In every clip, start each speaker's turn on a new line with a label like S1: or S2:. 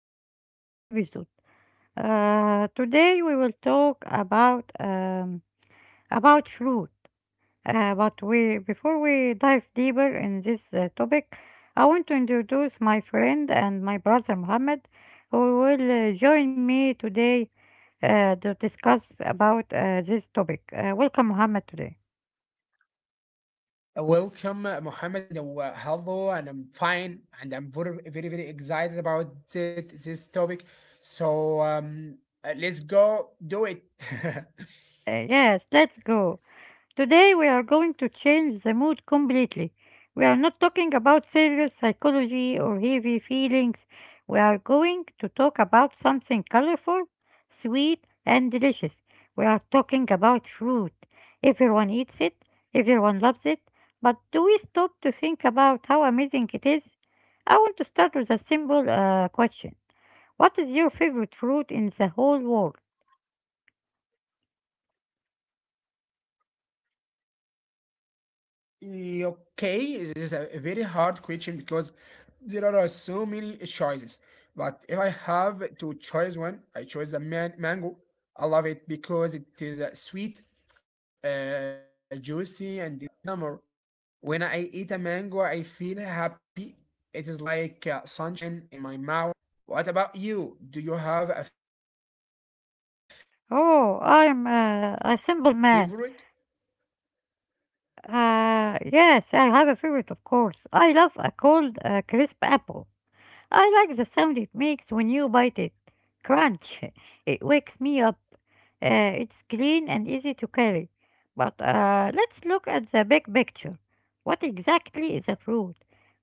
S1: our new episode. Today we will talk about fruit. But we before we dive deeper in this topic, I want to introduce my friend and my brother Mohammed, who will join me today to discuss about this topic. Welcome, Mohammed, today.
S2: Welcome, Mohammed, and hello, and I'm fine, and I'm very, very, very excited about it, this topic. So um, let's go do it.
S1: Yes, let's go. Today we are going to change the mood completely. We are not talking about serious psychology or heavy feelings. We are going to talk about something colorful, sweet, and delicious. We are talking about fruit. Everyone eats it, everyone loves it, but do we stop to think about how amazing it is? I want to start with a simple question. What is your favorite fruit in the whole world?
S2: Eh, Okay, this is a very hard question because there are so many choices. But if I have to choose one, I choose a man mango. I love it because it is sweet, juicy, and it is smells like summer. When I eat a mango, I feel happy. It is like sunshine in my mouth. What about you? Do you have a favorite?
S1: Oh, I'm a simple man. Yes, I have a favorite, of course. I love a cold, crisp apple. I like the sound it makes when you bite it. Crunch. It wakes me up. It's clean and easy to carry. But let's look at the big picture. What exactly is a fruit?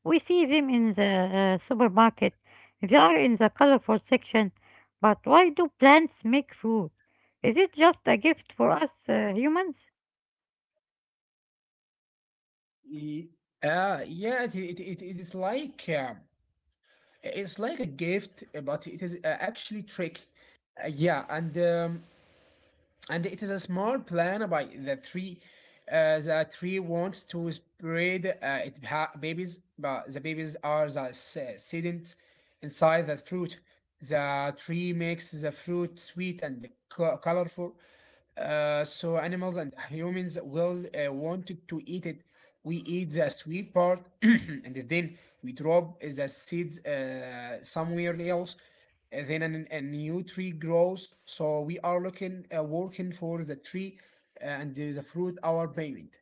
S1: We see them in the supermarket. They are in the colorful section. But why do plants make fruit? Is it just a gift for us humans?
S2: Eh, yeah, it is like. It's like a gift, but it is actually trick. Uh, yeah, and um, and it is a smart plan by the tree. The tree wants to spread babies, but the babies are the sedent inside the fruit. The tree makes the fruit sweet and colorful. So animals and humans will want to eat it. We eat the sweet part, and then we drop the seeds somewhere else. And then a new tree grows. So we are working for the tree, and the fruit our payment.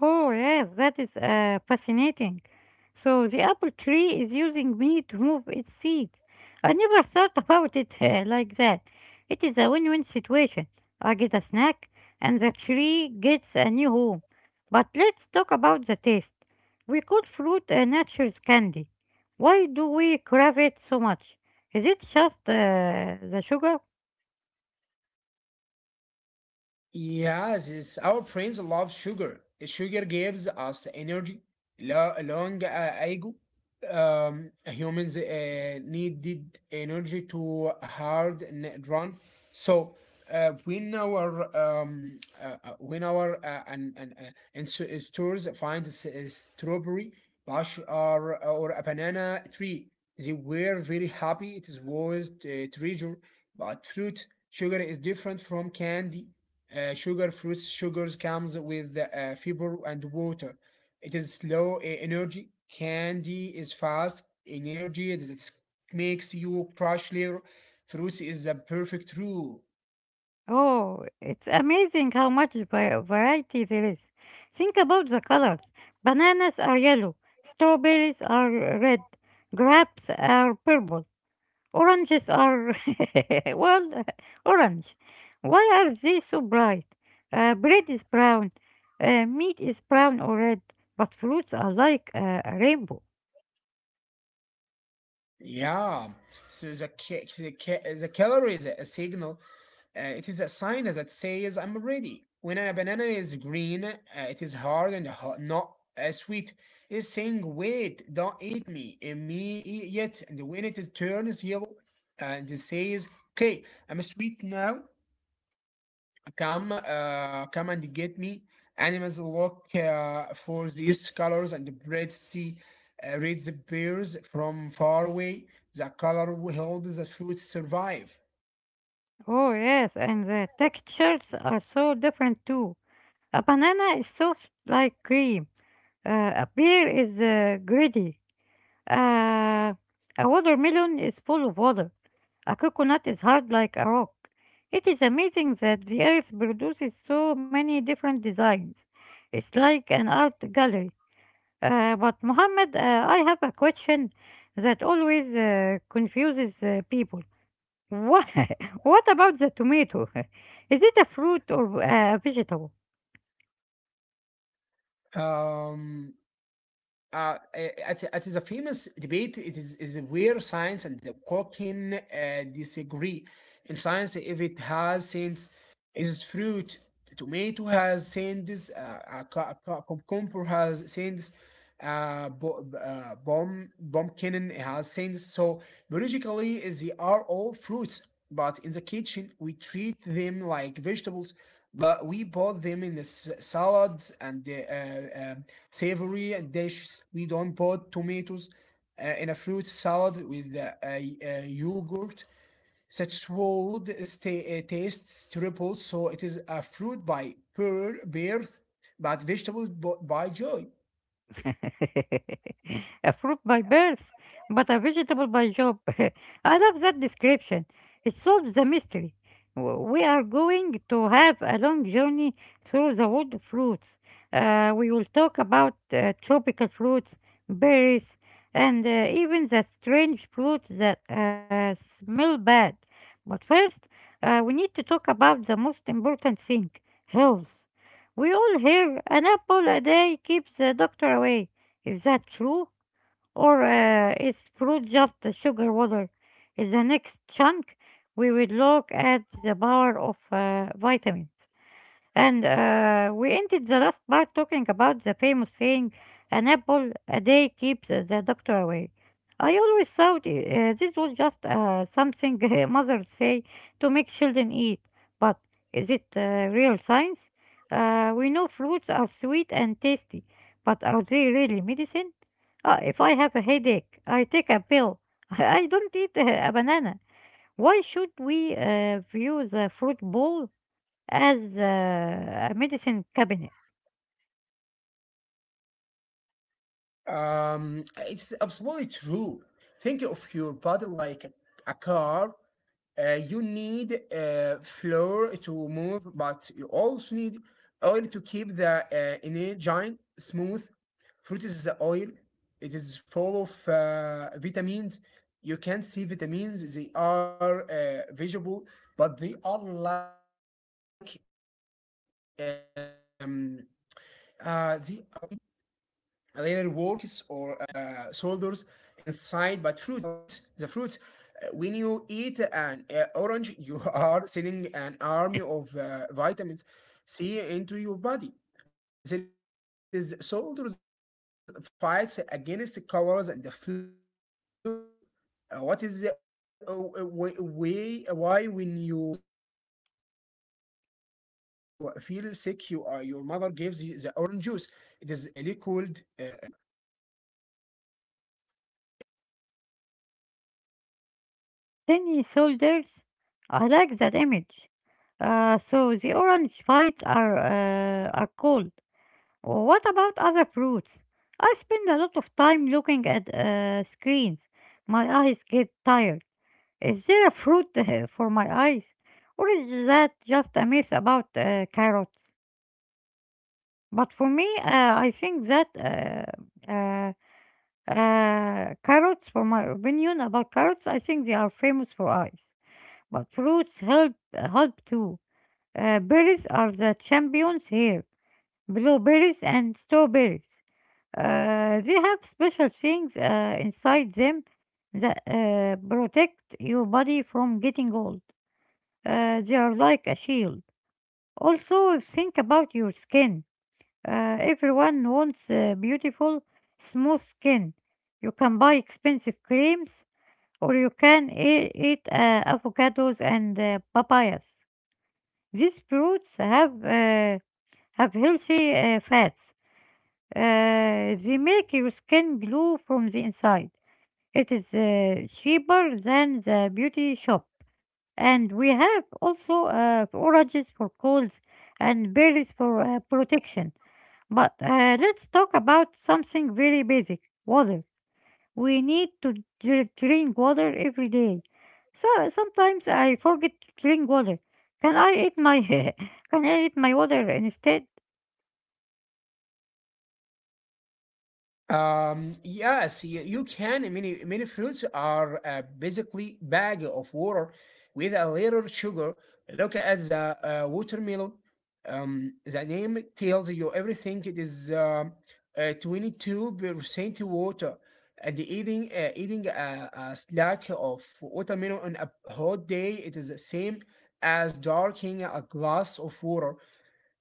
S1: Oh, yes, that is fascinating. So the apple tree is using me to move its seeds. I never thought about it like that. It is a win-win situation. I get a snack and the tree gets a new home. But let's talk about the taste. We call fruit a nature's candy. Why do we crave it so much? Is it just the sugar?
S2: Yes, our brains love sugar. Sugar gives us energy. Long ago, humans needed energy to hard run. So when our and so- stores find a strawberry bush or a banana tree, they were very happy. It is was a treasure, but fruit sugar is different from candy sugar fruits sugars comes with fiber and water. It is slow energy. Candy is fast energy. It's makes you crush Little Fruits is the perfect rule.
S1: Oh, it's amazing how much variety there is. Think about the colors. Bananas are yellow, strawberries are red, grapes are purple, oranges are, well, orange. Why are they so bright? Bread is brown, meat is brown or red, but fruits are like a rainbow.
S2: Yeah. So the calorie is a signal. It is a sign that says I'm ready. When a banana is green, it is hard and not sweet. It's saying, wait, don't eat me, me eat yet. And when it is turns yellow, and it says, okay, I'm sweet now. Come and get me. Animals look for these colors, and the birds see reads appears from far away. The color will help the food survive.
S1: Oh, yes, and the textures are so different too. A banana is soft like cream. A pear is gritty. Uh, a watermelon is full of water. A coconut is hard like a rock. It is amazing that the earth produces so many different designs. It's like an art gallery. But Mohammed, I have a question that always confuses people. What, what about the tomato? Is it a fruit or a vegetable?
S2: Um, it it, is a famous debate. Is where science and the cooking disagree. In science, if it has sense, is fruit. Tomato has sense. Cucumber has sense. Bom Bomkinen has since. So biologically, they are all fruits, but in the kitchen we treat them like vegetables. But we bought them in the salads and the savory and dishes. We don't put tomatoes in a fruit salad with a yogurt. Such would stay, tastes terrible, so it is a fruit by birth, but vegetables by joy.
S1: A fruit by birth, but a vegetable by job. I love that description. It solves the mystery. W- We are going to have a long journey through the world of fruits. We will talk about tropical fruits, berries, and even the strange fruits that smell bad. But first, we need to talk about the most important thing, health. We all hear an apple a day keeps the doctor away. Is that true? Or is fruit just the sugar water? In the next chunk, we will look at the power of vitamins. And we ended the last part talking about the famous saying, an apple a day keeps the doctor away. I always thought this was just something mothers say to make children eat. But is it real science? We know fruits are sweet and tasty, but are they really medicine? If I have a headache, I take a pill. I don't eat a banana. Why should we view the fruit bowl as a medicine cabinet?
S2: It's absolutely true. Think of your body like a car. You need floor to move, but you also need oil to keep the engine smooth. Fruit is the oil. It is full of vitamins. You can see vitamins. They are visible, but um, they are like tiny. Their works or soldiers inside but fruits the fruits when you eat an orange you are sending an army of vitamins c into your body. There is soldiers fights against the colors and the flu. What is the way why when you feel sick you are your mother gives you the orange juice, it is liquid. uh, uh, mm, mm, mm. yeah.
S1: Tiny soldiers. I like that image. So the orange bites are cold. What about other fruits? I spend a lot of time looking at screens. My eyes get tired. Is there a fruit for my eyes, or is that just a myth about carrots? But for me, I think that carrots, for my opinion about carrots, I think they are famous for eyes, but fruits help too. Berries are the champions here. Blueberries and strawberries. They have special things inside them that protect your body from getting old. They are like a shield. Also, think about your skin. Everyone wants beautiful, smooth skin. You can buy expensive creams or you can eat avocados and papayas. These fruits have healthy fats. They make your skin glow from the inside. It is cheaper than the beauty shop. And we have also oranges for colds and berries for protection. But let's talk about something very basic, water. We need to drink water every day. So sometimes I forget to drink water. Can I eat my can I eat my water instead?
S2: Yes, you can. Many fruits are basically bag of water with a little sugar. Look at the watermelon. The name tells you everything. It is 22% water, and eating a snack of watermelon on a hot day, it is the same as drinking a glass of water.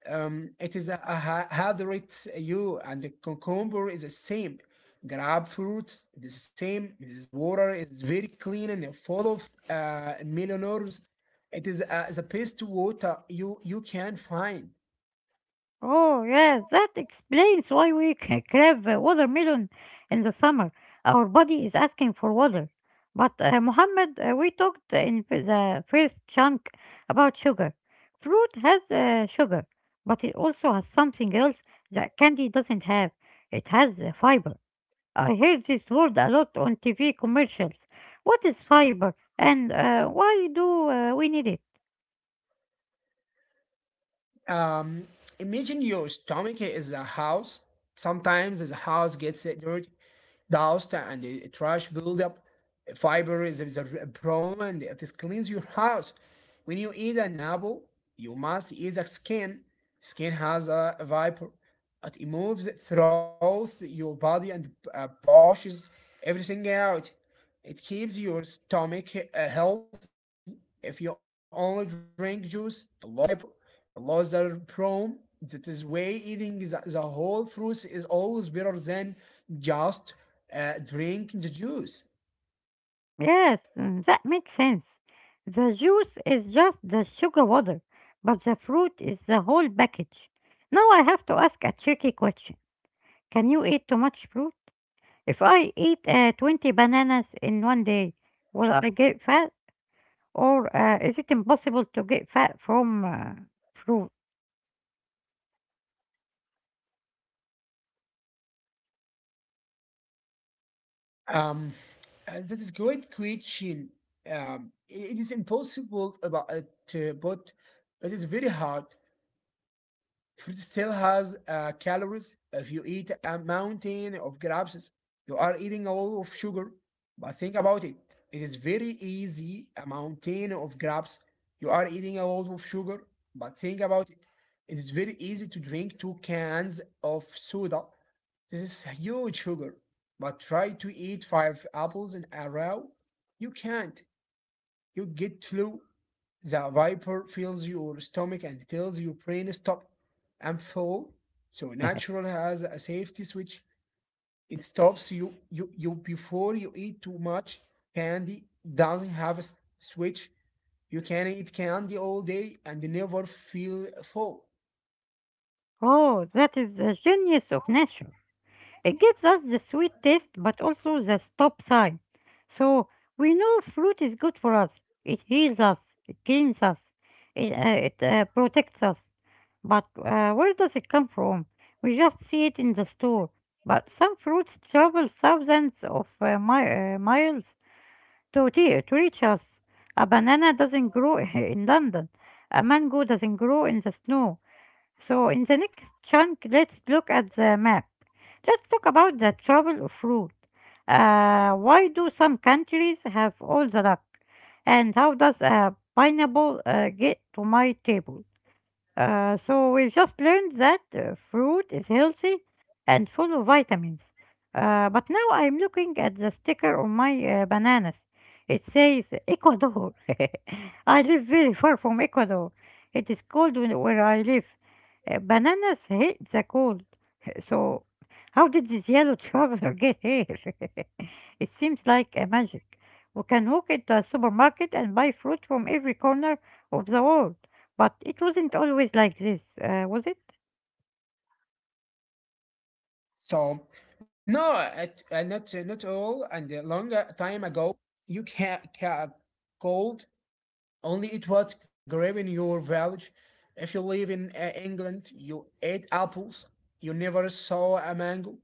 S2: It is a hydrate. You and the cucumber is the same. Grapefruits is the same. This water is very clean and full of millionaires. It is the best water you can find.
S1: Oh yes, that explains why we crave watermelon in the summer. Our body is asking for water. But Mohammed, we talked in f- the first chunk about sugar. Fruit has sugar, but it also has something else that candy doesn't have. It has fiber. I heard this word a lot on TV commercials. What is fiber and why do we need it?
S2: Um, Imagine your stomach is a house. Sometimes the house gets dirty, dust, and trash buildup. Fiber is a problem, and it cleans your house. When you eat an apple, you must eat the skin. Skin has a vapor. It moves through your body and pushes everything out. It keeps your stomach healthy. If you only drink juice, you lose the fiber. Allah's are prone that is way eating the whole fruits is always better than just drinking the juice.
S1: Yes, mm, that makes sense. The juice is just the sugar water, but the fruit is the whole package. Now I have to ask a tricky question. Can you eat too much fruit? If I eat 20 bananas in one day, will I get fat? Or is it impossible to get fat from fruit?
S2: Um, that is great question. Um, it is impossible about but it is very hard. Fruit still has calories. If you eat a mountain of grapes, you are eating a lot of sugar. But think about It is very easy, a mountain of grapes. You are eating a lot of sugar. But think about it. It is very easy to drink two cans of soda. This is huge sugar. But eat five apples in a row. You can't. You get flu. The viper fills your stomach and tells your brain stop. I'm full. So natural has a safety switch. It stops you before you eat too much. Candy doesn't have a switch. You can eat candy all day and never feel full.
S1: Oh, that is the genius of nature. It gives us the sweet taste but also the stop sign. So we know fruit is good for us. It heals us, it cleans us, it protects us. But where does it come from? We just see it in the store. But some fruits travel thousands of miles to reach us. A banana doesn't grow in London. A mango doesn't grow in the snow. So, in the next chunk, let's look at the map. Let's talk about the trouble of root. Why do some countries have all the luck? And how does a pineapple get to my table? So we just learned that fruit is healthy and full of vitamins. But now I'm looking at the sticker on my bananas. It says Ecuador. I live very far from Ecuador. It is cold where I live. Bananas hate the cold. So how did this yellow traveler get here? It seems like a magic. We can walk into a supermarket and buy fruit from every corner of the world. But it wasn't always like this, was it?
S2: So no, at, not not all. And a long time ago, you can cold Only it was grave in your village. If you live in England, you ate apples. You never saw a mango.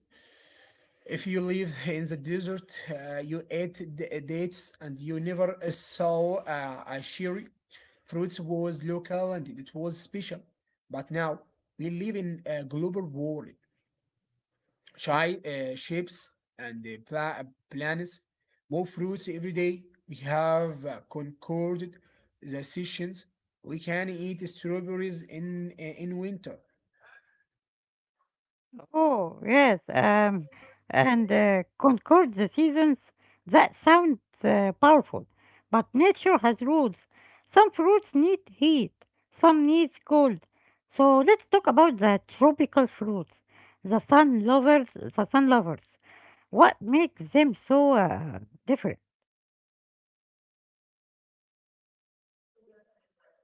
S2: If you live in the desert, you ate dates and you never saw a cherry. Fruits was local and it was special. But now we live in a global world. Shy shapes and plans, more fruits every day. We have concorded the sessions. We can eat strawberries in winter.
S1: Oh, yes. And concord the seasons. That sounds powerful. But nature has rules. Some fruits need heat, some needs cold. So let's talk about the tropical fruits, the sun lovers. What makes them so different?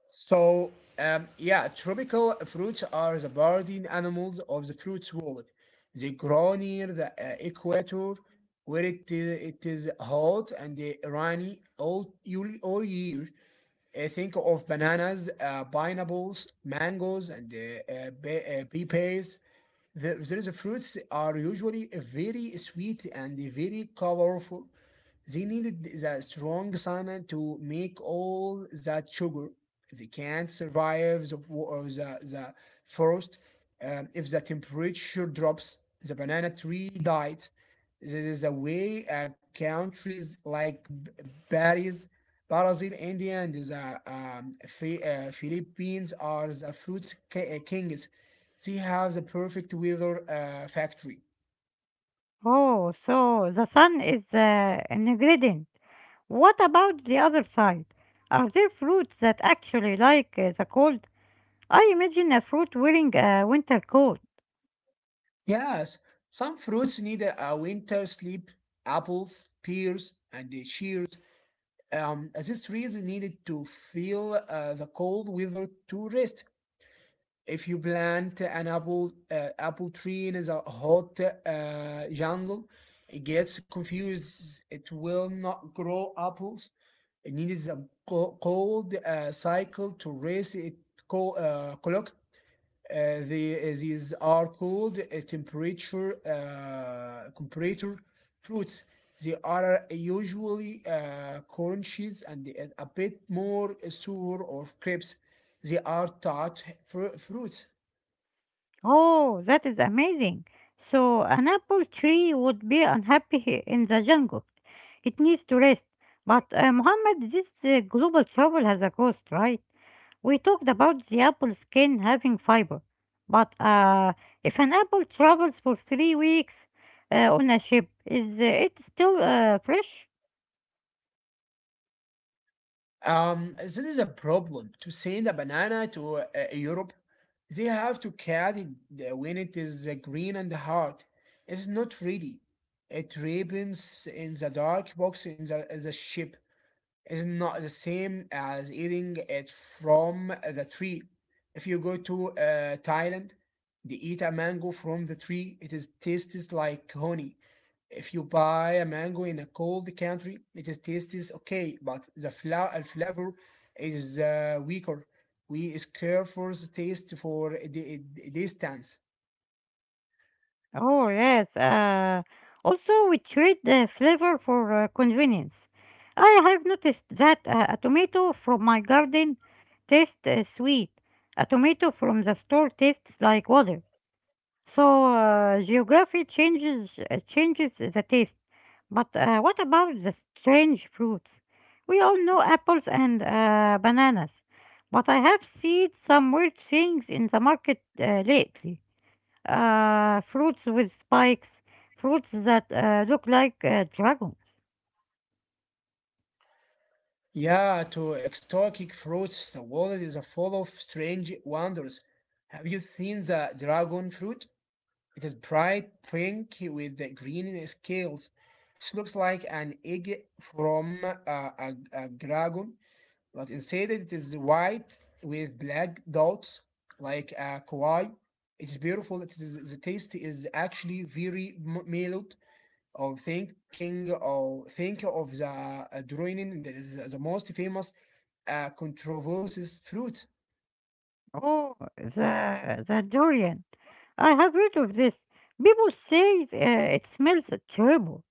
S2: So yeah, tropical fruits are the guardian animals of the fruits world. They grow near the equator, where it is hot and rainy all year. Think of bananas, pineapples, mangoes, and pepes. These fruits are usually very sweet and very colorful. They needed the strong sauna to make all that sugar. They can't survive the frost. If the temperature drops, the banana tree dies. This is the way countries like Paris, Brazil, India, and the Philippines are the fruit kings. They have the perfect weather factory.
S1: Oh, so the sun is an ingredient. What about the other side? Are there fruits that actually like the cold? I imagine a fruit wearing a winter coat.
S2: Yes, some fruits need a winter sleep. Apples, pears, and the shears. These trees needed to feel the cold weather to rest. If you plant an apple tree in a hot jungle, it gets confused. It will not grow apples. It needs a cold cycle to rest. Co- uh, these are called temperature comparator fruits. They are usually crunchies and a bit more sour or crisp. They are tart fruits.
S1: Oh, that is amazing. So an apple tree would be unhappy in the jungle. It needs to rest. But Muhammad, this global trouble has a cost, right? We talked about the apple skin having fiber, but if an apple travels for 3 weeks on a ship, is it still fresh?
S2: This is a problem. To send a banana to Europe, they have to cut it when it is green and hard. It's not ready. It ripens in the dark box in in the ship. Is not the same as eating it from the tree. If you go to Thailand, they eat a mango from the tree. It is tastes like honey. If you buy a mango in a cold country, it is tastes okay, but the flavor is weaker. We score for the taste for the distance.
S1: Oh, yes. Also, we trade the flavor for convenience. I have noticed that a tomato from my garden tastes sweet. A tomato from the store tastes like water. So, geography changes the taste. But what about the strange fruits? We all know apples and bananas, but I have seen some weird things in the market lately. Fruits with spikes, fruits that look like dragons.
S2: Yeah, to exotic fruits, the world is full of strange wonders. Have you seen the dragon fruit? It is bright pink with the green scales. It looks like an egg from a dragon, but inside it is white with black dots like a kawaii. It's beautiful. It is, the taste is actually very mild or thinking or think of the drawing that is the most famous controversies fruit.
S1: Oh, the durian! I have heard of this. People say it smells terrible.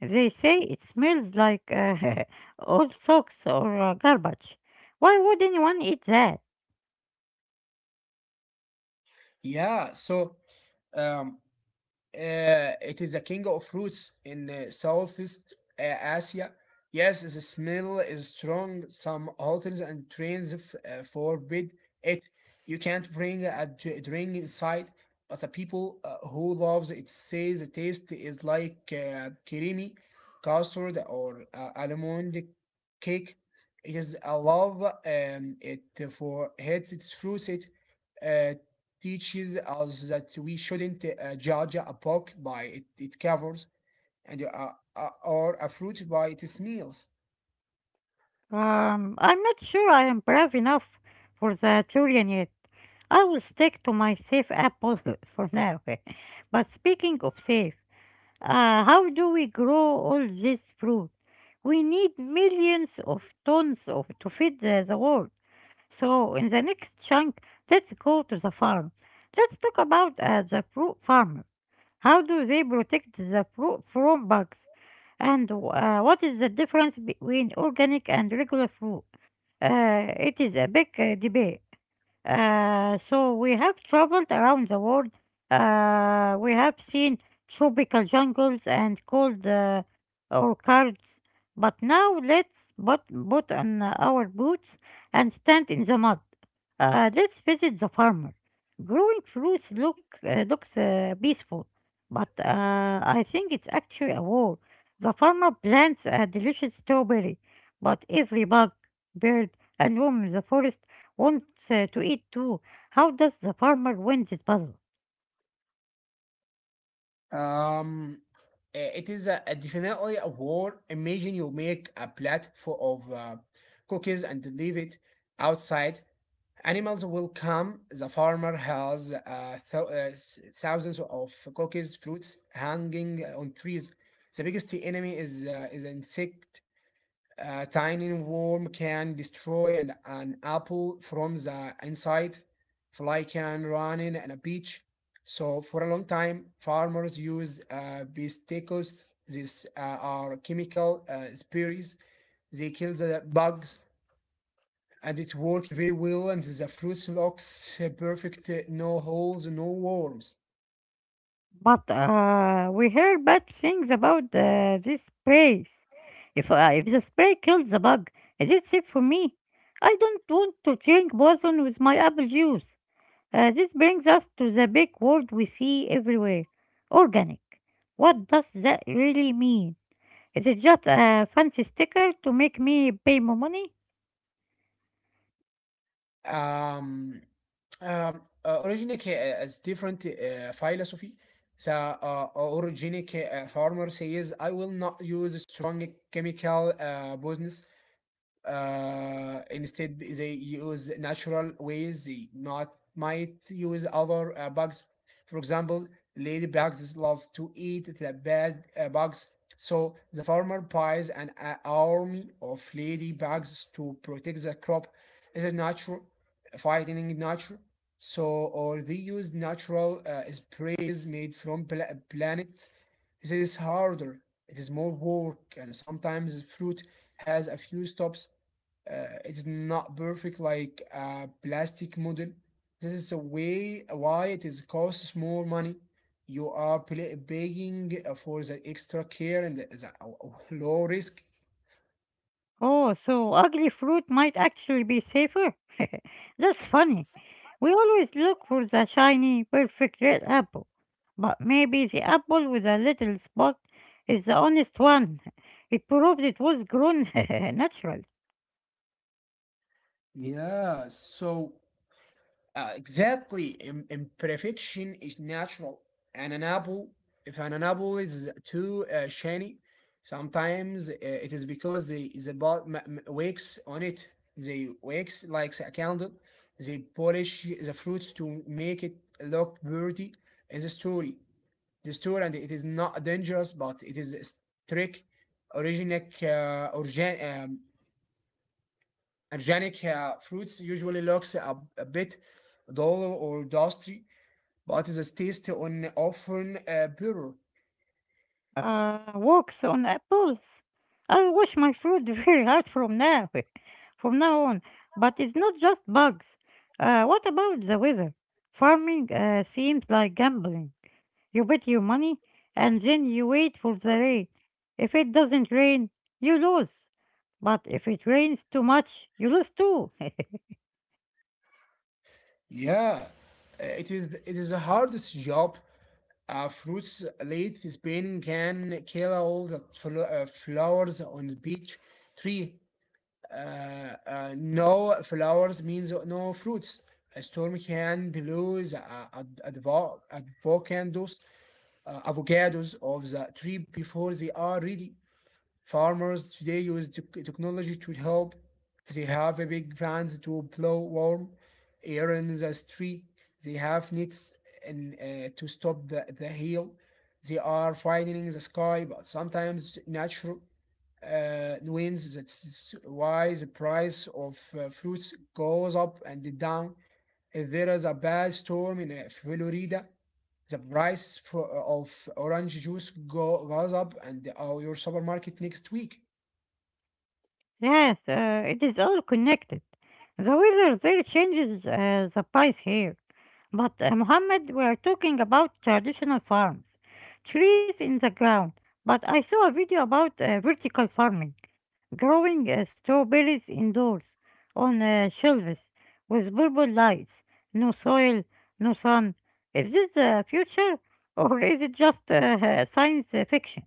S1: They say it smells like old socks or garbage. Why would anyone eat that?
S2: Yeah, um, it is a king of fruits in Southeast Asia. Yes, the smell is strong. Some hotels and trains forbid it. You can't bring a drink inside, but people who loves it say the taste is like creamy custard or almond cake. It is a love it for hates its fruits it. uh, Teaches us that we shouldn't judge a book by it covers and or a fruit by its meals.
S1: I'm not sure I am brave enough for the durian yet. I will stick to my safe apple for now. But speaking of safe, how do we grow all this fruit? We need millions of tons of to feed the world. So in the next chunk, let's go to the farm. Let's talk about the fruit farmer. How do they protect the fruit from bugs? And what is the difference between organic and regular fruit? It is a big debate. So we have traveled around the world. We have seen tropical jungles and cold orchards. But now put on our boots and stand in the mud. Let's visit the farmer. Growing fruits looks peaceful, but I think it's actually a war. The farmer plants a delicious strawberry, but every bug, bird, and worm in the forest wants to eat too. How does the farmer win this battle?
S2: Um, uh, it is a definitely a war. Imagine you make a plate full of cookies and leave it outside. Animals will come. The farmer has thousands of cookies, fruits hanging on trees. The biggest enemy is insect. A tiny worm can destroy an apple from the inside. Fly can run in on a beach. So for a long time, farmers use pesticicides. These are chemical sprays. They kill the bugs, and it works very well. And the fruit looks perfect. No holes, no worms.
S1: But we hear bad things about these sprays. If the spray kills the bug, is it safe for me? I don't want to drink poison with my apple juice. This brings us to the big word we see everywhere, organic. What does that really mean? Is it just a fancy sticker to make me pay more money?
S2: um, Originates as different philosophy. Originic farmer says, I will not use strong chemical business. Instead they use natural ways, they not might use other bugs, for example ladybugs love to eat the bad bugs. So the farmer buys an army of ladybugs to protect the crop. Is a natural fighting nature. So or they use natural sprays made from planets. This is harder. It is more work and sometimes fruit has a few stops. It's not perfect like a plastic model. This is a way why it is costs more money. You are paying for the extra care and the low risk.
S1: Oh, so ugly fruit might actually be safer? That's funny. We always look for the shiny, perfect red apple. But maybe the apple with a little spot is the honest one. It proves it was grown natural.
S2: Yeah, so exactly. Imperfection is natural. And an apple, if an apple is too shiny, sometimes it is because the bot wakes on it. They wax like a candle. They polish the fruits to make it look pretty in the story. The story, and it is not dangerous, but it is strict. Organic, uh, organ- um, Organic fruits usually looks a bit dull or dusty, but the taste on often pure.
S1: Walks on apples. I'll wash my fruit very hard from now on. But it's not just bugs. What about the weather? Farming seems like gambling. You bet your money and then you wait for the rain. If it doesn't rain, you lose. But if it rains too much, you lose too.
S2: Yeah, it is the hardest job. Fruits late Spain can kill all the flowers on the beach tree. No flowers means no fruits. A storm can blow the avocados of the tree before they are ready. Farmers today use technology to help. They have a big fans to blow warm air in the street. They have nets and to stop the hail. They are finding the sky, but sometimes natural winds. That's why the price of fruits goes up and down. If there is a bad storm in Florida, the price of orange juice goes up and your supermarket next week.
S1: Yes, it is all connected. The weather there changes the price here. But Mohammed, we are talking about traditional farms, trees in the ground. But I saw a video about vertical farming, growing strawberries indoors on shelves with purple lights, no soil, no sun. Is this the future or is it just science fiction?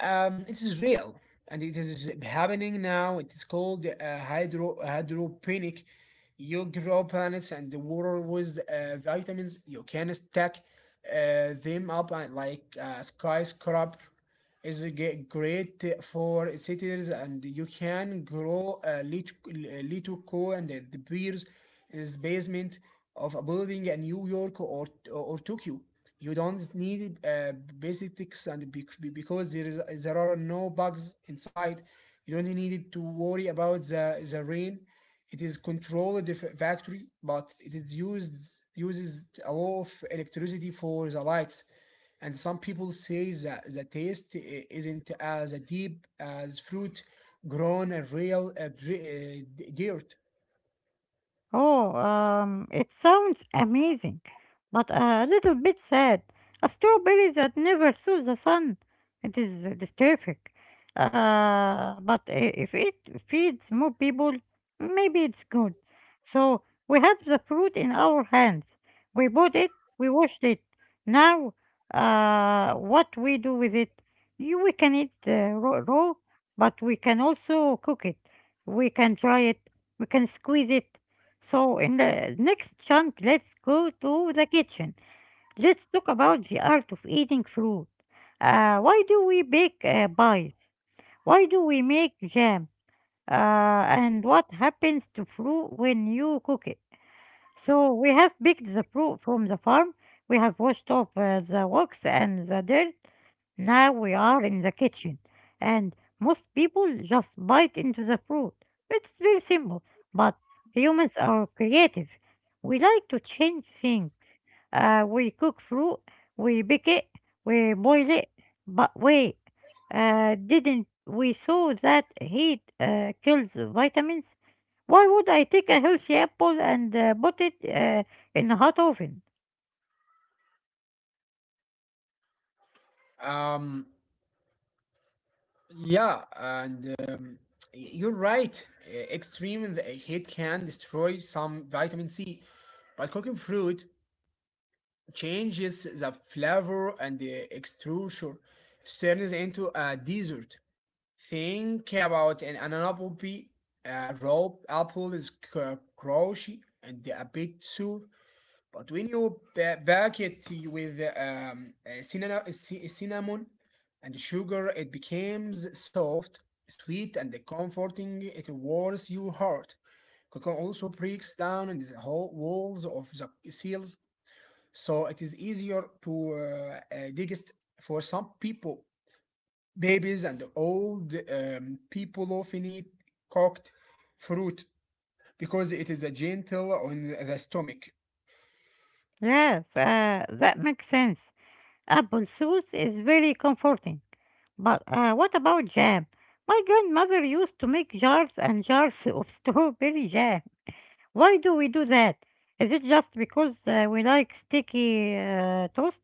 S2: It is real and it is happening now. It is called hydroponic. You grow plants and the water with vitamins. You can stack them up like a skyscraper. Is ge- great for cities, and you can grow a little co and the beers is basement of a building in New York or Tokyo. You don't need basics, and because there are no bugs inside. You don't need to worry about the rain. It is controlled the factory, but it is used uses a lot of electricity for the lights, and some people say that the taste isn't as deep as fruit grown in real dirt.
S1: Oh, it sounds amazing, but a little bit sad. A strawberry that never saw the sun. It is disturbing. But if it feeds more people, maybe it's good. So we have the fruit in our hands. We bought it, we washed it. Now, what we do with it? We can eat raw, but we can also cook it. We can dry it. We can squeeze it. So, in the next chunk, let's go to the kitchen. Let's talk about the art of eating fruit. Why do we bake pies? Why do we make jam? Uh, and what happens to fruit when you cook it? So, we have picked the fruit from the farm, we have washed off the wax and the dirt, now we are in the kitchen, and most people just bite into the fruit. It's very simple, but humans are creative. We like to change things. We cook fruit, we bake it, we boil it. But wait, didn't we saw that heat kills vitamins? Why would I take a healthy apple and put it in a hot oven?
S2: Um, yeah, and you're right. Extreme heat can destroy some vitamin C, but cooking fruit changes the flavor and the extrusure, turns into a dessert. Think about an apple pie. A raw apple is crunchy and a bit sour, but when you bake it with cinnamon, cinnamon and sugar, it becomes soft, sweet, and comforting. It warms your heart. Cocoa also breaks down the whole walls of the cells, so it is easier to digest for some people. Babies and old people often eat cooked fruit because it is a gentle on the stomach.
S1: Yes, that makes sense. Apple sauce is very comforting. But what about jam? My grandmother used to make jars and jars of strawberry jam. Why do we do that? Is it just because we like sticky toast?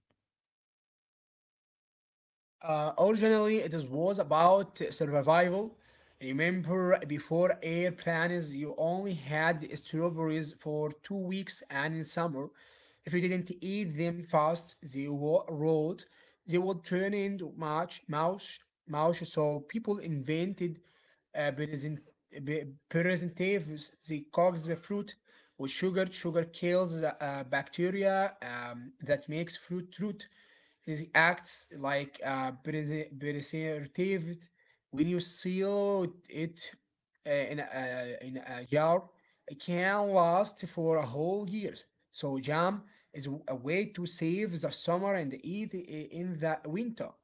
S2: Originally, it was about survival. Remember, before airplanes, you only had strawberries for 2 weeks, and in summer, if didn't eat them fast, they were rot. They would turn into much mouse. So people invented uh, present, preservatives. They cooked the fruit with sugar. Sugar kills bacteria that makes fruit root. His acts like preserved. When you seal it in a jar, it can last for a whole year. So jam is a way to save the summer and eat in the winter.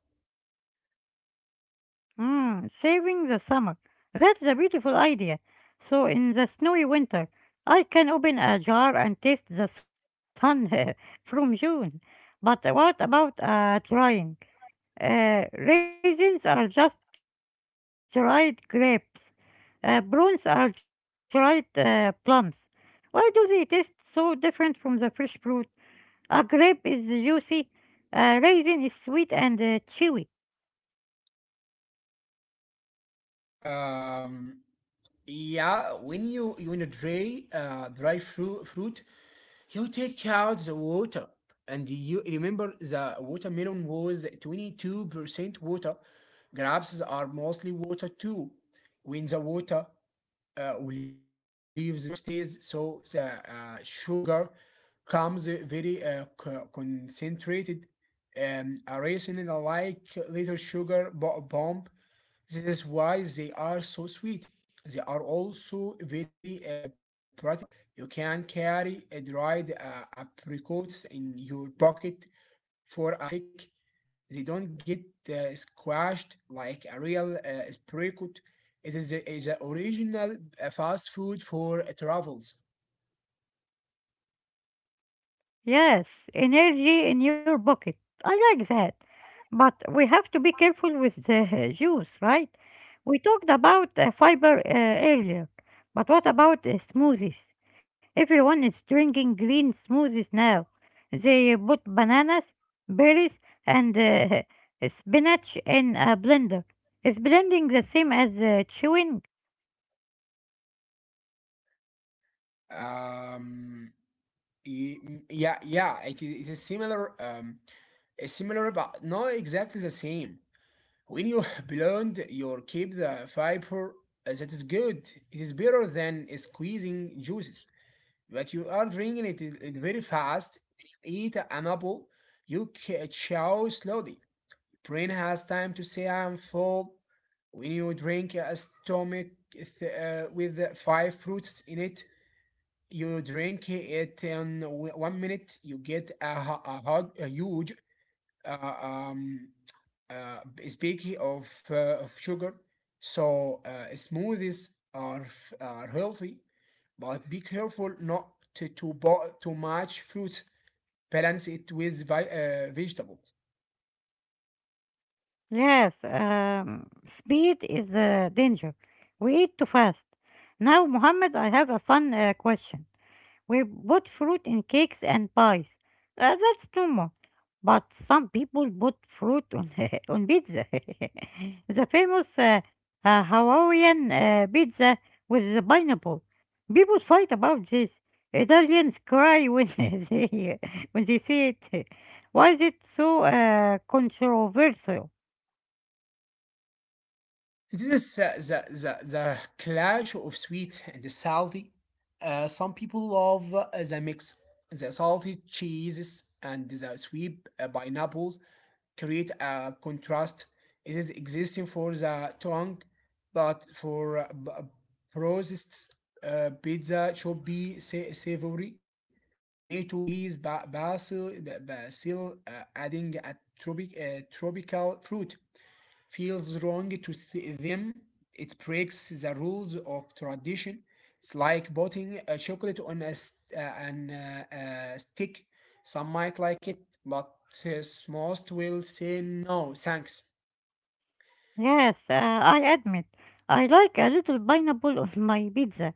S1: Mm, saving the summer. That's a beautiful idea. So, in the snowy winter, I can open a jar and taste the sun from June. But what about trying? Raisins are just dried grapes. Prunes are dried plums. Why do they taste so different from the fresh fruit? A grape is juicy. A raisin is sweet and chewy.
S2: Um, yeah, when you dry fruit, you take out the water, and you remember the watermelon was 22% water. Grapes are mostly water too. When the water leaves, the sugar stays, so the sugar comes very concentrated, and a raisin like little sugar bomb. This is why they are so sweet. They are also very practical. You can carry a dried apricots in your pocket for a hike. They don't get squashed like a real apricot. It is the original fast food for travels.
S1: Yes, energy in your pocket. I like that. But we have to be careful with the juice, right? We talked about fiber earlier, but what about smoothies? Everyone is drinking green smoothies now. They put bananas, berries, and spinach in a blender. Is blending the same as chewing?
S2: Um, yeah, yeah, it is similar, is similar, but exactly the same. When you blend your keep the fiber, that is good. It is better than squeezing juices. But you are drinking it, it very fast. When you eat an apple, you chew slowly. Brain has time to say I'm full. When you drink a stomach with five fruits in it, you drink it in 1 minute, you get a huge uh, um, uh, speaking of sugar. So smoothies are healthy, but be careful not to buy too much fruits. Balance it with vegetables.
S1: Yes, speed is a danger. We eat too fast. Now, Mohammed, I have a fun question. We put fruit in cakes and pies. That's normal. But some people put fruit on pizza. The famous Hawaiian pizza with the pineapple. People fight about this. Italians cry when they when they see it. Why is it so controversial?
S2: This is the clash of sweet and salty. Some people love the mix. The salty cheeses and the sweet pineapple create a contrast. It is existing for the tongue, but for processed pizza should be savory. Tomato, cheese, basil, adding a tropical fruit feels wrong to see them. It breaks the rules of tradition. It's like putting a chocolate on a stick. Some might like it, but uh, most will say no, thanks.
S1: Yes, I admit, I like a little pineapple on my pizza.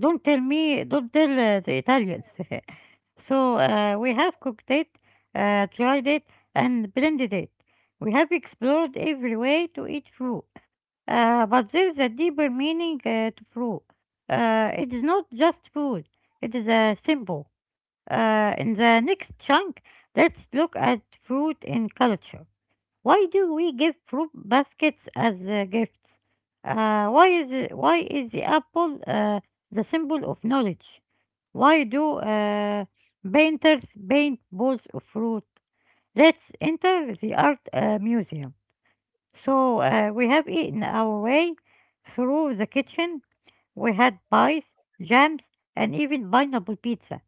S1: Don't tell the Italians. So we have cooked it, tried it, and blended it. We have explored every way to eat fruit. But there is a deeper meaning to fruit. It is not just food, it is a symbol. In the next chunk, let's look at fruit in culture. Why do we give fruit baskets as gifts? Why is the apple the symbol of knowledge? Why do painters paint balls of fruit? Let's enter the art museum. So we have eaten our way through the kitchen. We had pies, jams, and even pineapple pizza.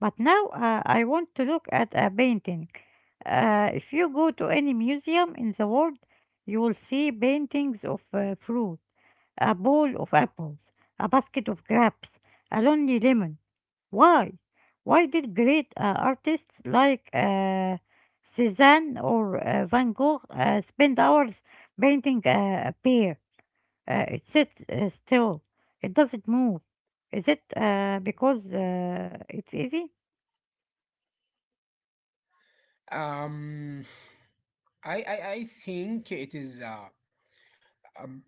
S1: But now I want to look at a painting. If you go to any museum in the world, you will see paintings of fruit, a bowl of apples, a basket of grapes, a lonely lemon. Why? Why did great artists like Cézanne or Van Gogh spend hours painting a pear? It sits still, it doesn't move. Is it because it's easy?
S2: Um, I think it is um,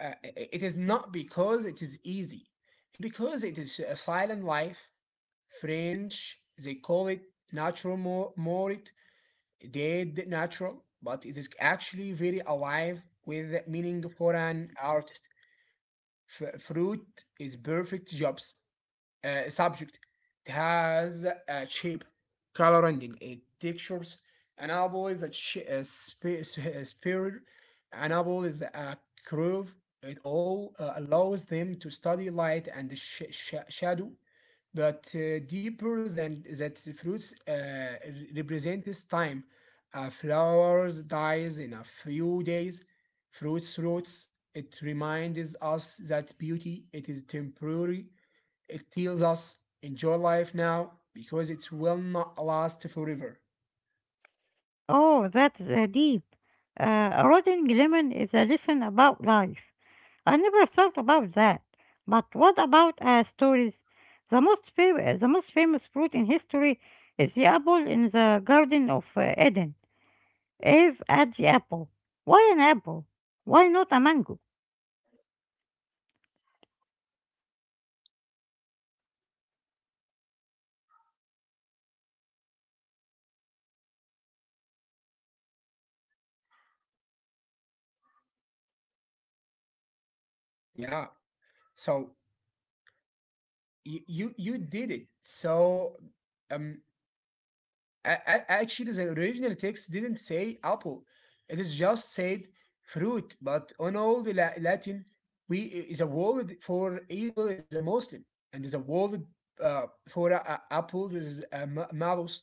S2: uh, i- it is not because it is easy, because it is a silent life. French, they call it natural more mort, dead natural, but it is actually very alive with meaning for an artist. Fruit is perfect jobs subject. It has a shape, color rending, it textures. An apple is a sh- a sp- sp- a sphere. An apple is a curve. It all allows them to study light and shadow, but deeper than that, fruits represents time. A flowers dies in a few days. Fruits roots. It reminds us that beauty it is temporary. It tells us enjoy life now, because it will not last forever.
S1: Oh, that's deep. Rotting lemon is a lesson about life. I never thought about that. But what about stories? The most famous fruit in history is the apple in the Garden of Eden. Eve ate the apple. Why an apple? Why not a mango?
S2: Yeah. So you did it. So um actually, the original text didn't say apple. It is just said fruit. But on old Latin, we is a word for evil is a Muslim, and is a word for apple is a malus.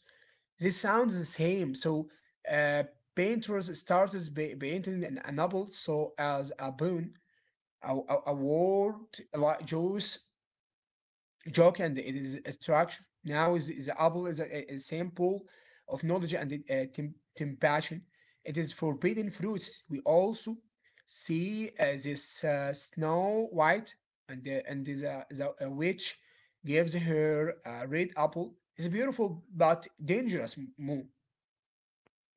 S2: This sounds the same. So uh, painters started painting an apple so as a boon, a word like juice joke, and it is a structure. Now is apple is a sample of knowledge and temptation. It is forbidden fruits. We also see this Snow White and the witch gives her a red apple. It's a beautiful but dangerous moon.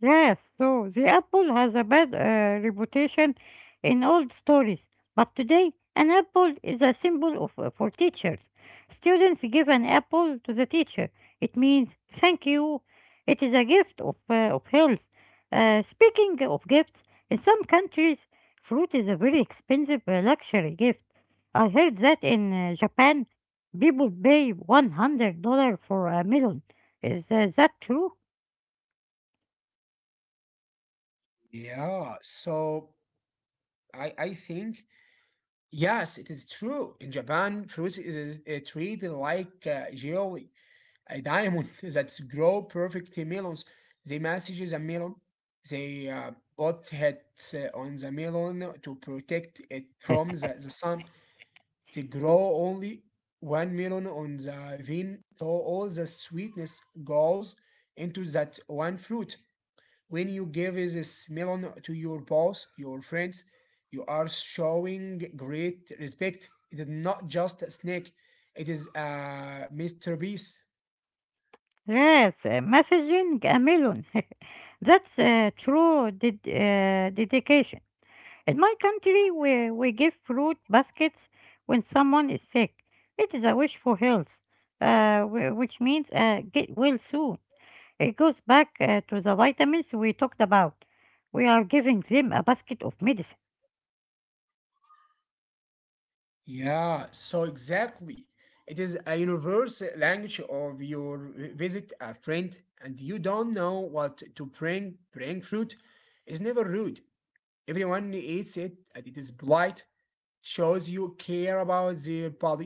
S1: Yes, so the apple has a bad reputation in old stories, but today an apple is a symbol for teachers. Students give an apple to the teacher. It means thank you. It is a gift of health. Speaking of gifts, in some countries, fruit is a very expensive luxury gift. I heard that in Japan, people pay $100 for a melon. Is that true?
S2: Yeah, so I think yes, it is true. In Japan, fruits is treated like jelly. A diamond that's grow perfectly melons. They message the melon. They put hats on the melon to protect it from the sun. They grow only one melon on the vine, so all the sweetness goes into that one fruit. When you give this melon to your boss, your friends, you are showing great respect. It is not just a snack. It is a masterpiece.
S1: Yes, messaging a million. That's true dedication. In my country, we give fruit baskets when someone is sick. It is a wish for health, which means get well soon. It goes back to the vitamins we talked about. We are giving them a basket of medicine.
S2: Yeah, so exactly. It is a universal language of your visit a friend, and you don't know what to bring. Bring fruit is never rude. Everyone eats it and it is polite. Shows you care about their body.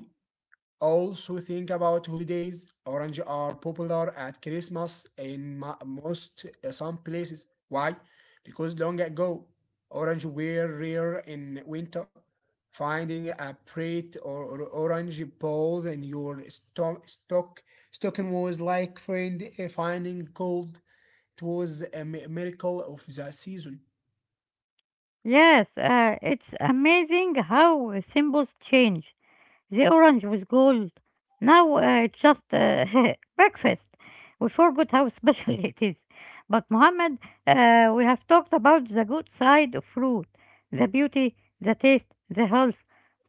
S2: Also think about holidays. Orange are popular at Christmas in most some places. Why? Because long ago, orange were rare in winter. Finding a bright or orange ball in your stocking was like finding gold. It was a miracle of the season.
S1: Yes, it's amazing how symbols change. The orange with gold. Now it's just breakfast. We forgot how special it is. But Mohammed, we have talked about the good side of fruit, the beauty, the taste, the health.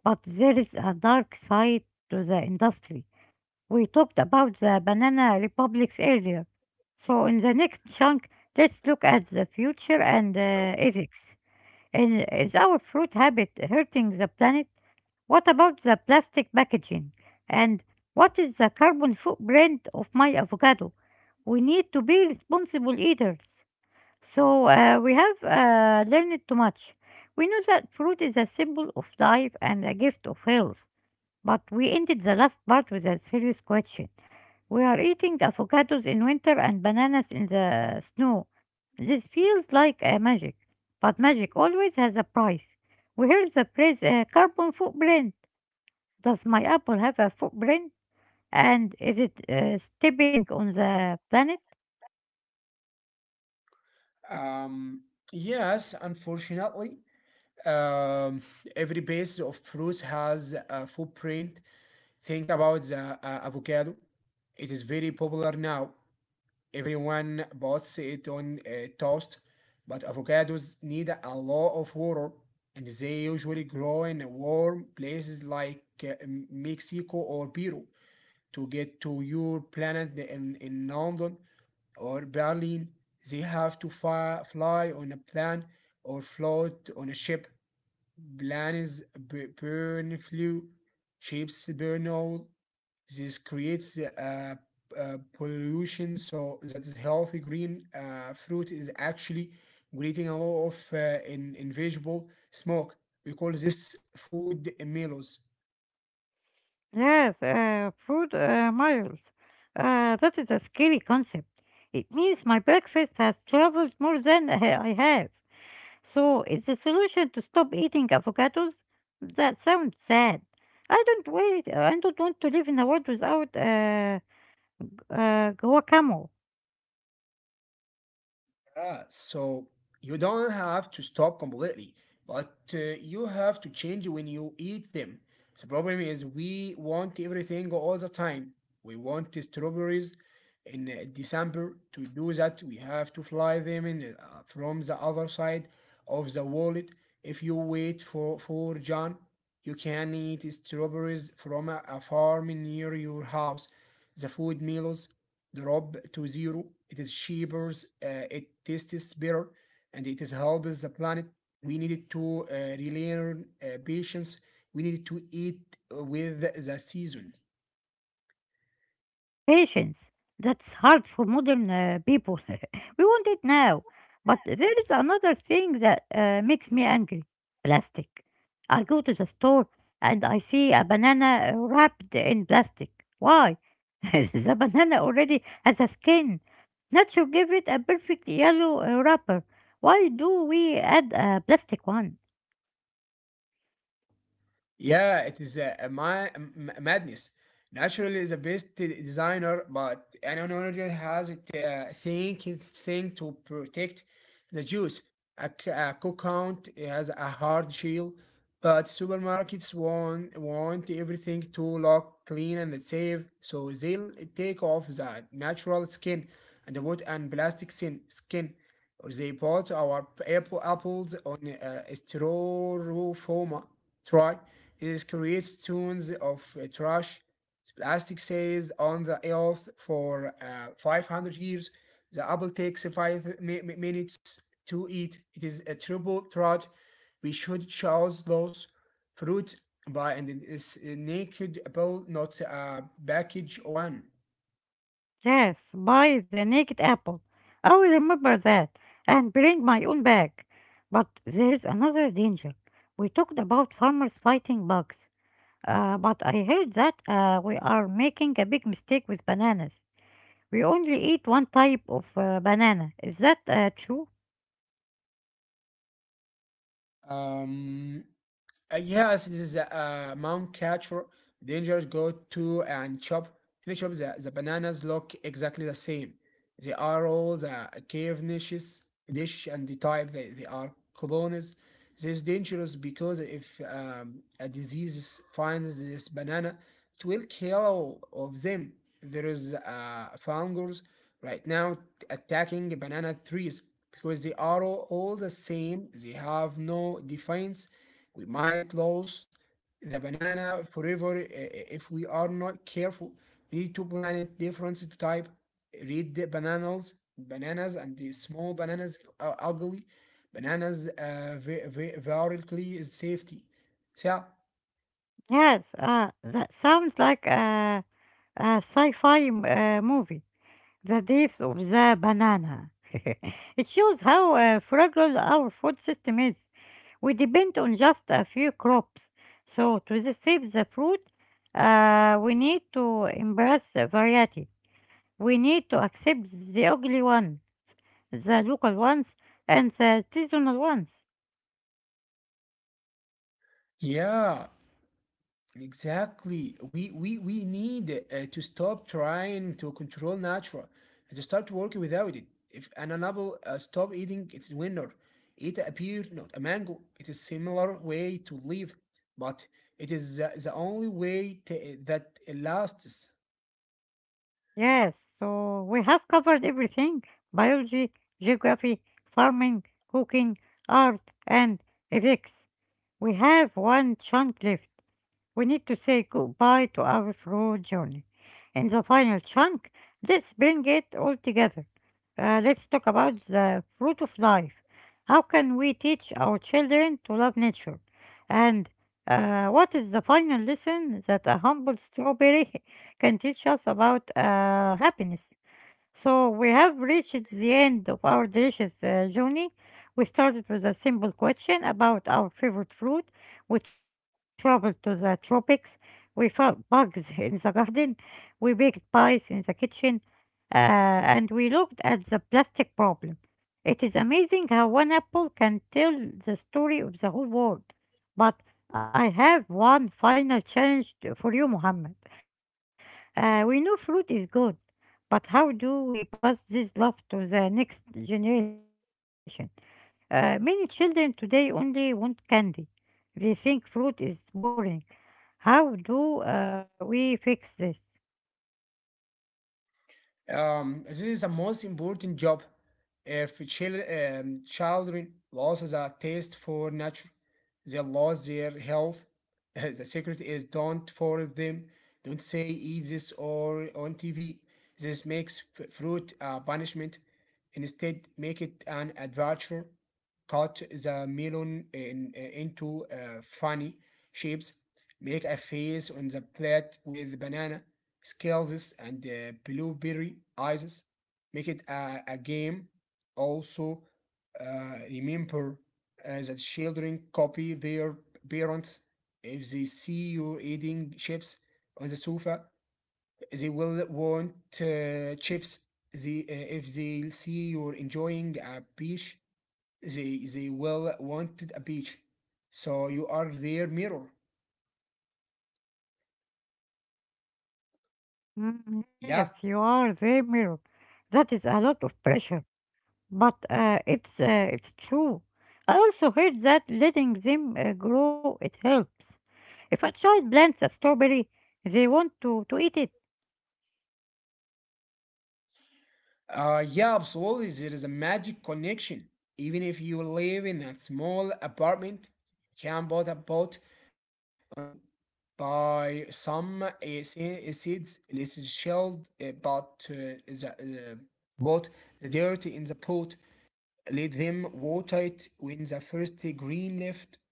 S1: But there is a dark side to the industry. We talked about the banana republics earlier. So in the next chunk, let's look at the future and ethics. And is our fruit habit hurting the planet? What about the plastic packaging? And what is the carbon footprint of my avocado? We need to be responsible eaters. So we have learned too much. We know that fruit is a symbol of life and a gift of health. But we ended the last part with a serious question. We are eating avocados in winter and bananas in the snow. This feels like magic, but magic always has a price. We hear the phrase carbon footprint. Does my apple have a footprint? And is it stepping on the planet?
S2: Um, yes, unfortunately, Um, every piece of fruit has a footprint. Think about the avocado. It is very popular now. Everyone buys it on toast, but avocados need a lot of water, and they usually grow in warm places like Mexico or Peru. To get to your planet in London or Berlin, they have to fly on a plane or float on a ship plans burn flue, chips burn oil. This creates pollution, so that is healthy green fruit is actually creating a lot of in invisible smoke. We call this food melos.
S1: Yes, food miles. That is a scary concept. It means my breakfast has traveled more than I have. So, is the solution to stop eating avocados? That sounds sad. I don't wait. I don't want to live in a world without guacamole.
S2: Yeah, so you don't have to stop completely, but you have to change when you eat them. The problem is we want everything all the time. We want the strawberries in December. To do that, we have to fly them in from the other side of the world. If you wait for John, you can eat strawberries from a farm near your house. The food meals drop to zero. It is cheaper, it tastes better, and it is helps the planet. We needed to relearn patience. We needed to eat with the season.
S1: Patience. That's hard for modern people. We want it now. But there is another thing that makes me angry, plastic. I go to the store and I see a banana wrapped in plastic. Why? The banana already has a skin. Nature gave it a perfect yellow wrapper. Why do we add a plastic one?
S2: Yeah, it is a madness. Naturally, the best designer, but an owner has it thinking thing to protect the juice. A cook count has a hard shell, but supermarkets want everything to look clean and safe, so they'll take off the natural skin and the wood and plastic skin. Or they put our apples on styrofoam try. This creates tons of trash. Plastic stays on the earth for 500 years. The apple takes five minutes to eat. It is a triple threat. We should choose those fruits by and it is a naked apple, not a package one.
S1: Yes, buy the naked apple. I will remember that and bring my own bag. But there is another danger. We talked about farmers fighting bugs, but I heard that we are making a big mistake with bananas. We only eat one type of banana. Is that true?
S2: Um, yes, this is a Mount Catcher. Rangers go to and chop. Any chop the bananas look exactly the same. They are all the cave niches, dish the type they are colonies. This is dangerous because if a disease finds this banana, it will kill all of them. There is fungus right now attacking banana trees because they are all the same. They have no defense we might lose the banana forever if we are not careful. Need to plant different type. Read the bananas, bananas and the small bananas are ugly. Bananas vertically is safety. So,
S1: Yes, that sounds like a sci fi movie. The Death of the Banana. It shows how fragile our food system is. We depend on just a few crops. So, save the fruit, we need to embrace the variety. We need to accept the ugly one, the local ones, and the seasonal ones.
S2: yeah, exactly. We need to stop trying to control nature and to start working without it. If an animal stop eating its winner, it appear not a mango. It is similar way to live, but it is the only way to, that lasts.
S1: Yes, so we have covered everything: biology, geography, farming, cooking, art, and ethics. We have one chunk left. We need to say goodbye to our fraud journey. In the final chunk, let's bring it all together. Let's talk about the fruit of life. How can we teach our children to love nature? And what is the final lesson that a humble strawberry can teach us about happiness? So we have reached the end of our delicious journey. We started with a simple question about our favorite fruit. We traveled to the tropics. We found bugs in the garden. We baked pies in the kitchen. And we looked at the plastic problem. It is amazing how one apple can tell the story of the whole world. But I have one final challenge for you, Mohammed. We know fruit is good, but how do we pass this love to the next generation? Many children today only want candy. They think fruit is boring. How do we fix this?
S2: This is the most important job. If children loses a taste for nature, they lose their health. the secret is don't force them. Don't say eat this or on TV. This makes fruit a punishment. Instead, make it an adventure. Cut the melon into funny shapes. Make a face on the plate with banana, scales, and blueberry ices. Make it a game. Also, remember that children copy their parents if they see you eating chips on the sofa they will want chips. If they see you're enjoying a beach, they will want a beach. So you are their mirror.
S1: Mm,
S2: Yeah.
S1: yes, you are the mirror. That is a lot of pressure. But it's true. I also heard that letting them grow it helps. If a child plants a strawberry, they want to eat it.
S2: Yeah, absolutely. There is a magic connection. Even if you live in a small apartment, you can put a pot on the window. By some seeds. It is shelled, the, uh, but the dirt in the pot. Let them water it when the first green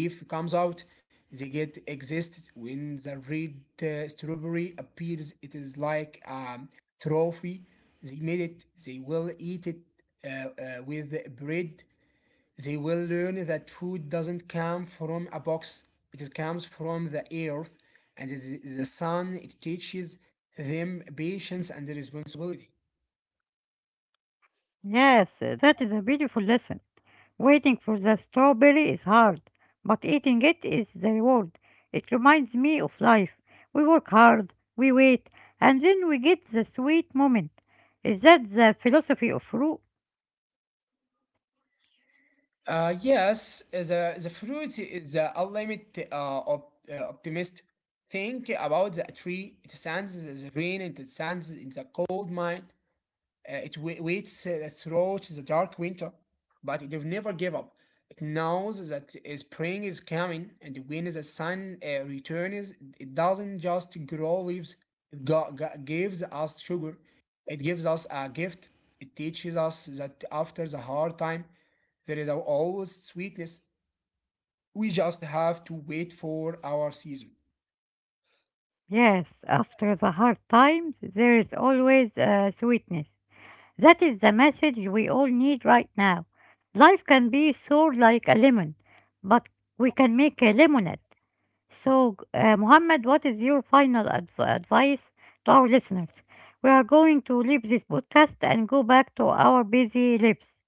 S2: leaf comes out. The get exists when the red strawberry appears. It is like a trophy. They made it. They will eat with bread. They will learn that food doesn't come from a box. It is- comes from the earth and it is the sun. It teaches them patience and responsibility.
S1: Yes, that is a beautiful lesson. Waiting for the strawberry is hard, but eating it is the reward. It reminds me of life. We work hard, we wait, and then we get the sweet moment. Is that the philosophy of fruit?
S2: Yes, the fruit is the ultimate optimist. Think about the tree. It stands in the rain and it stands in the cold night. It waits throughout the dark winter, but it will never give up. It knows that spring is coming, and when the sun returns, it doesn't just grow leaves. It gives us sugar. It gives us a gift. It teaches us that after the hard time, there is always sweetness. We just have to wait for our season.
S1: Yes, after the hard times, there is always sweetness. That is the message we all need right now. Life can be sour like a lemon, but we can make a lemonade. So, Muhammad, what is your final advice to our listeners? We are going to leave this podcast and go back to our busy lives.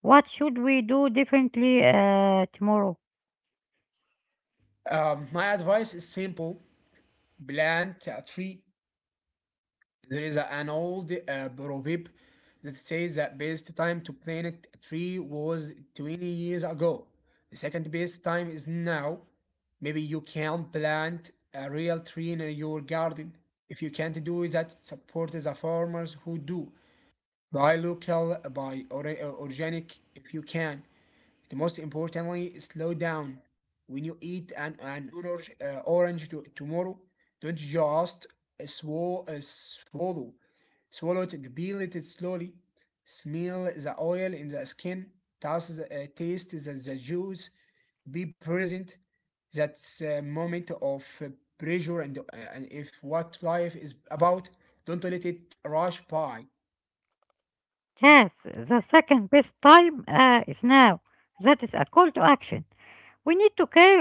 S1: What should we do differently tomorrow?
S2: My advice is simple plant a tree. There is an old proverb that says that best time to plant a tree was 20 years ago. The second best time is now. Maybe you can plant a real tree in your garden. If you can't do that, support the farmers who do. Buy local, buy organic if you can. The most importantly, slow down. When you eat an orange tomorrow, don't just swallow. Swallow it and peel it slowly. Smell the oil in the skin. Taste taste the juice. Be present. That's a moment of pressure and if what life is about, don't let it rush by.
S1: Yes, the second best time is now. That is a call to action. We need to care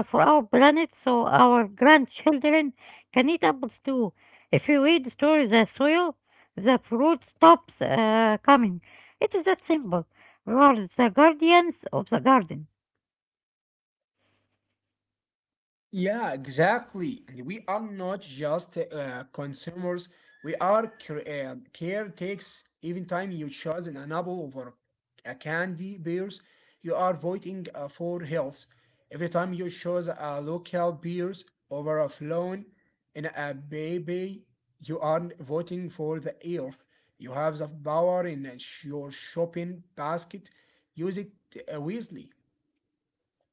S1: for our planet so our grandchildren can eat apples too. If you restore the soil, the fruit stops coming. It is that simple. We are the guardians of the garden.
S2: Yeah, exactly. And we are not just consumers, we are care takes even time you choose apple over a candy beers, you are voting for health. Every time you choose a local beers over a flown and a baby, you are voting for the earth. You have the power in your shopping basket. Use it wisely.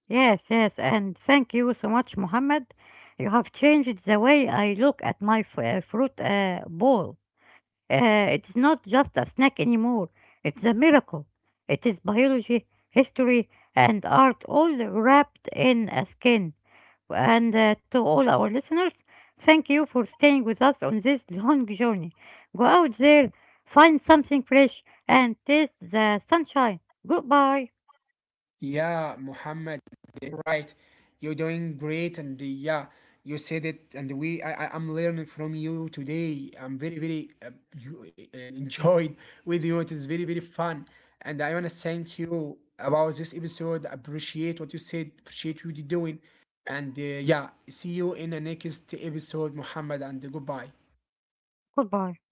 S1: Yes, yes, and thank you so much, Mohammed. You have changed the way I look at my fruit bowl. It's not just a snack anymore, it's a miracle. It is biology, history, and art all wrapped in a skin. And to all our listeners, thank you for staying with us on this long journey. Go out there, find something fresh, and taste the sunshine. Goodbye.
S2: Yeah, Muhammad, right. You're doing great, and yeah, you said it, and I'm learning from you today. I'm very, very enjoyed with you. It is very, very fun, and I wanna thank you about this episode. Appreciate what you said. Appreciate what you're doing, and yeah, see you in the next episode, Muhammad, and goodbye.
S1: Goodbye.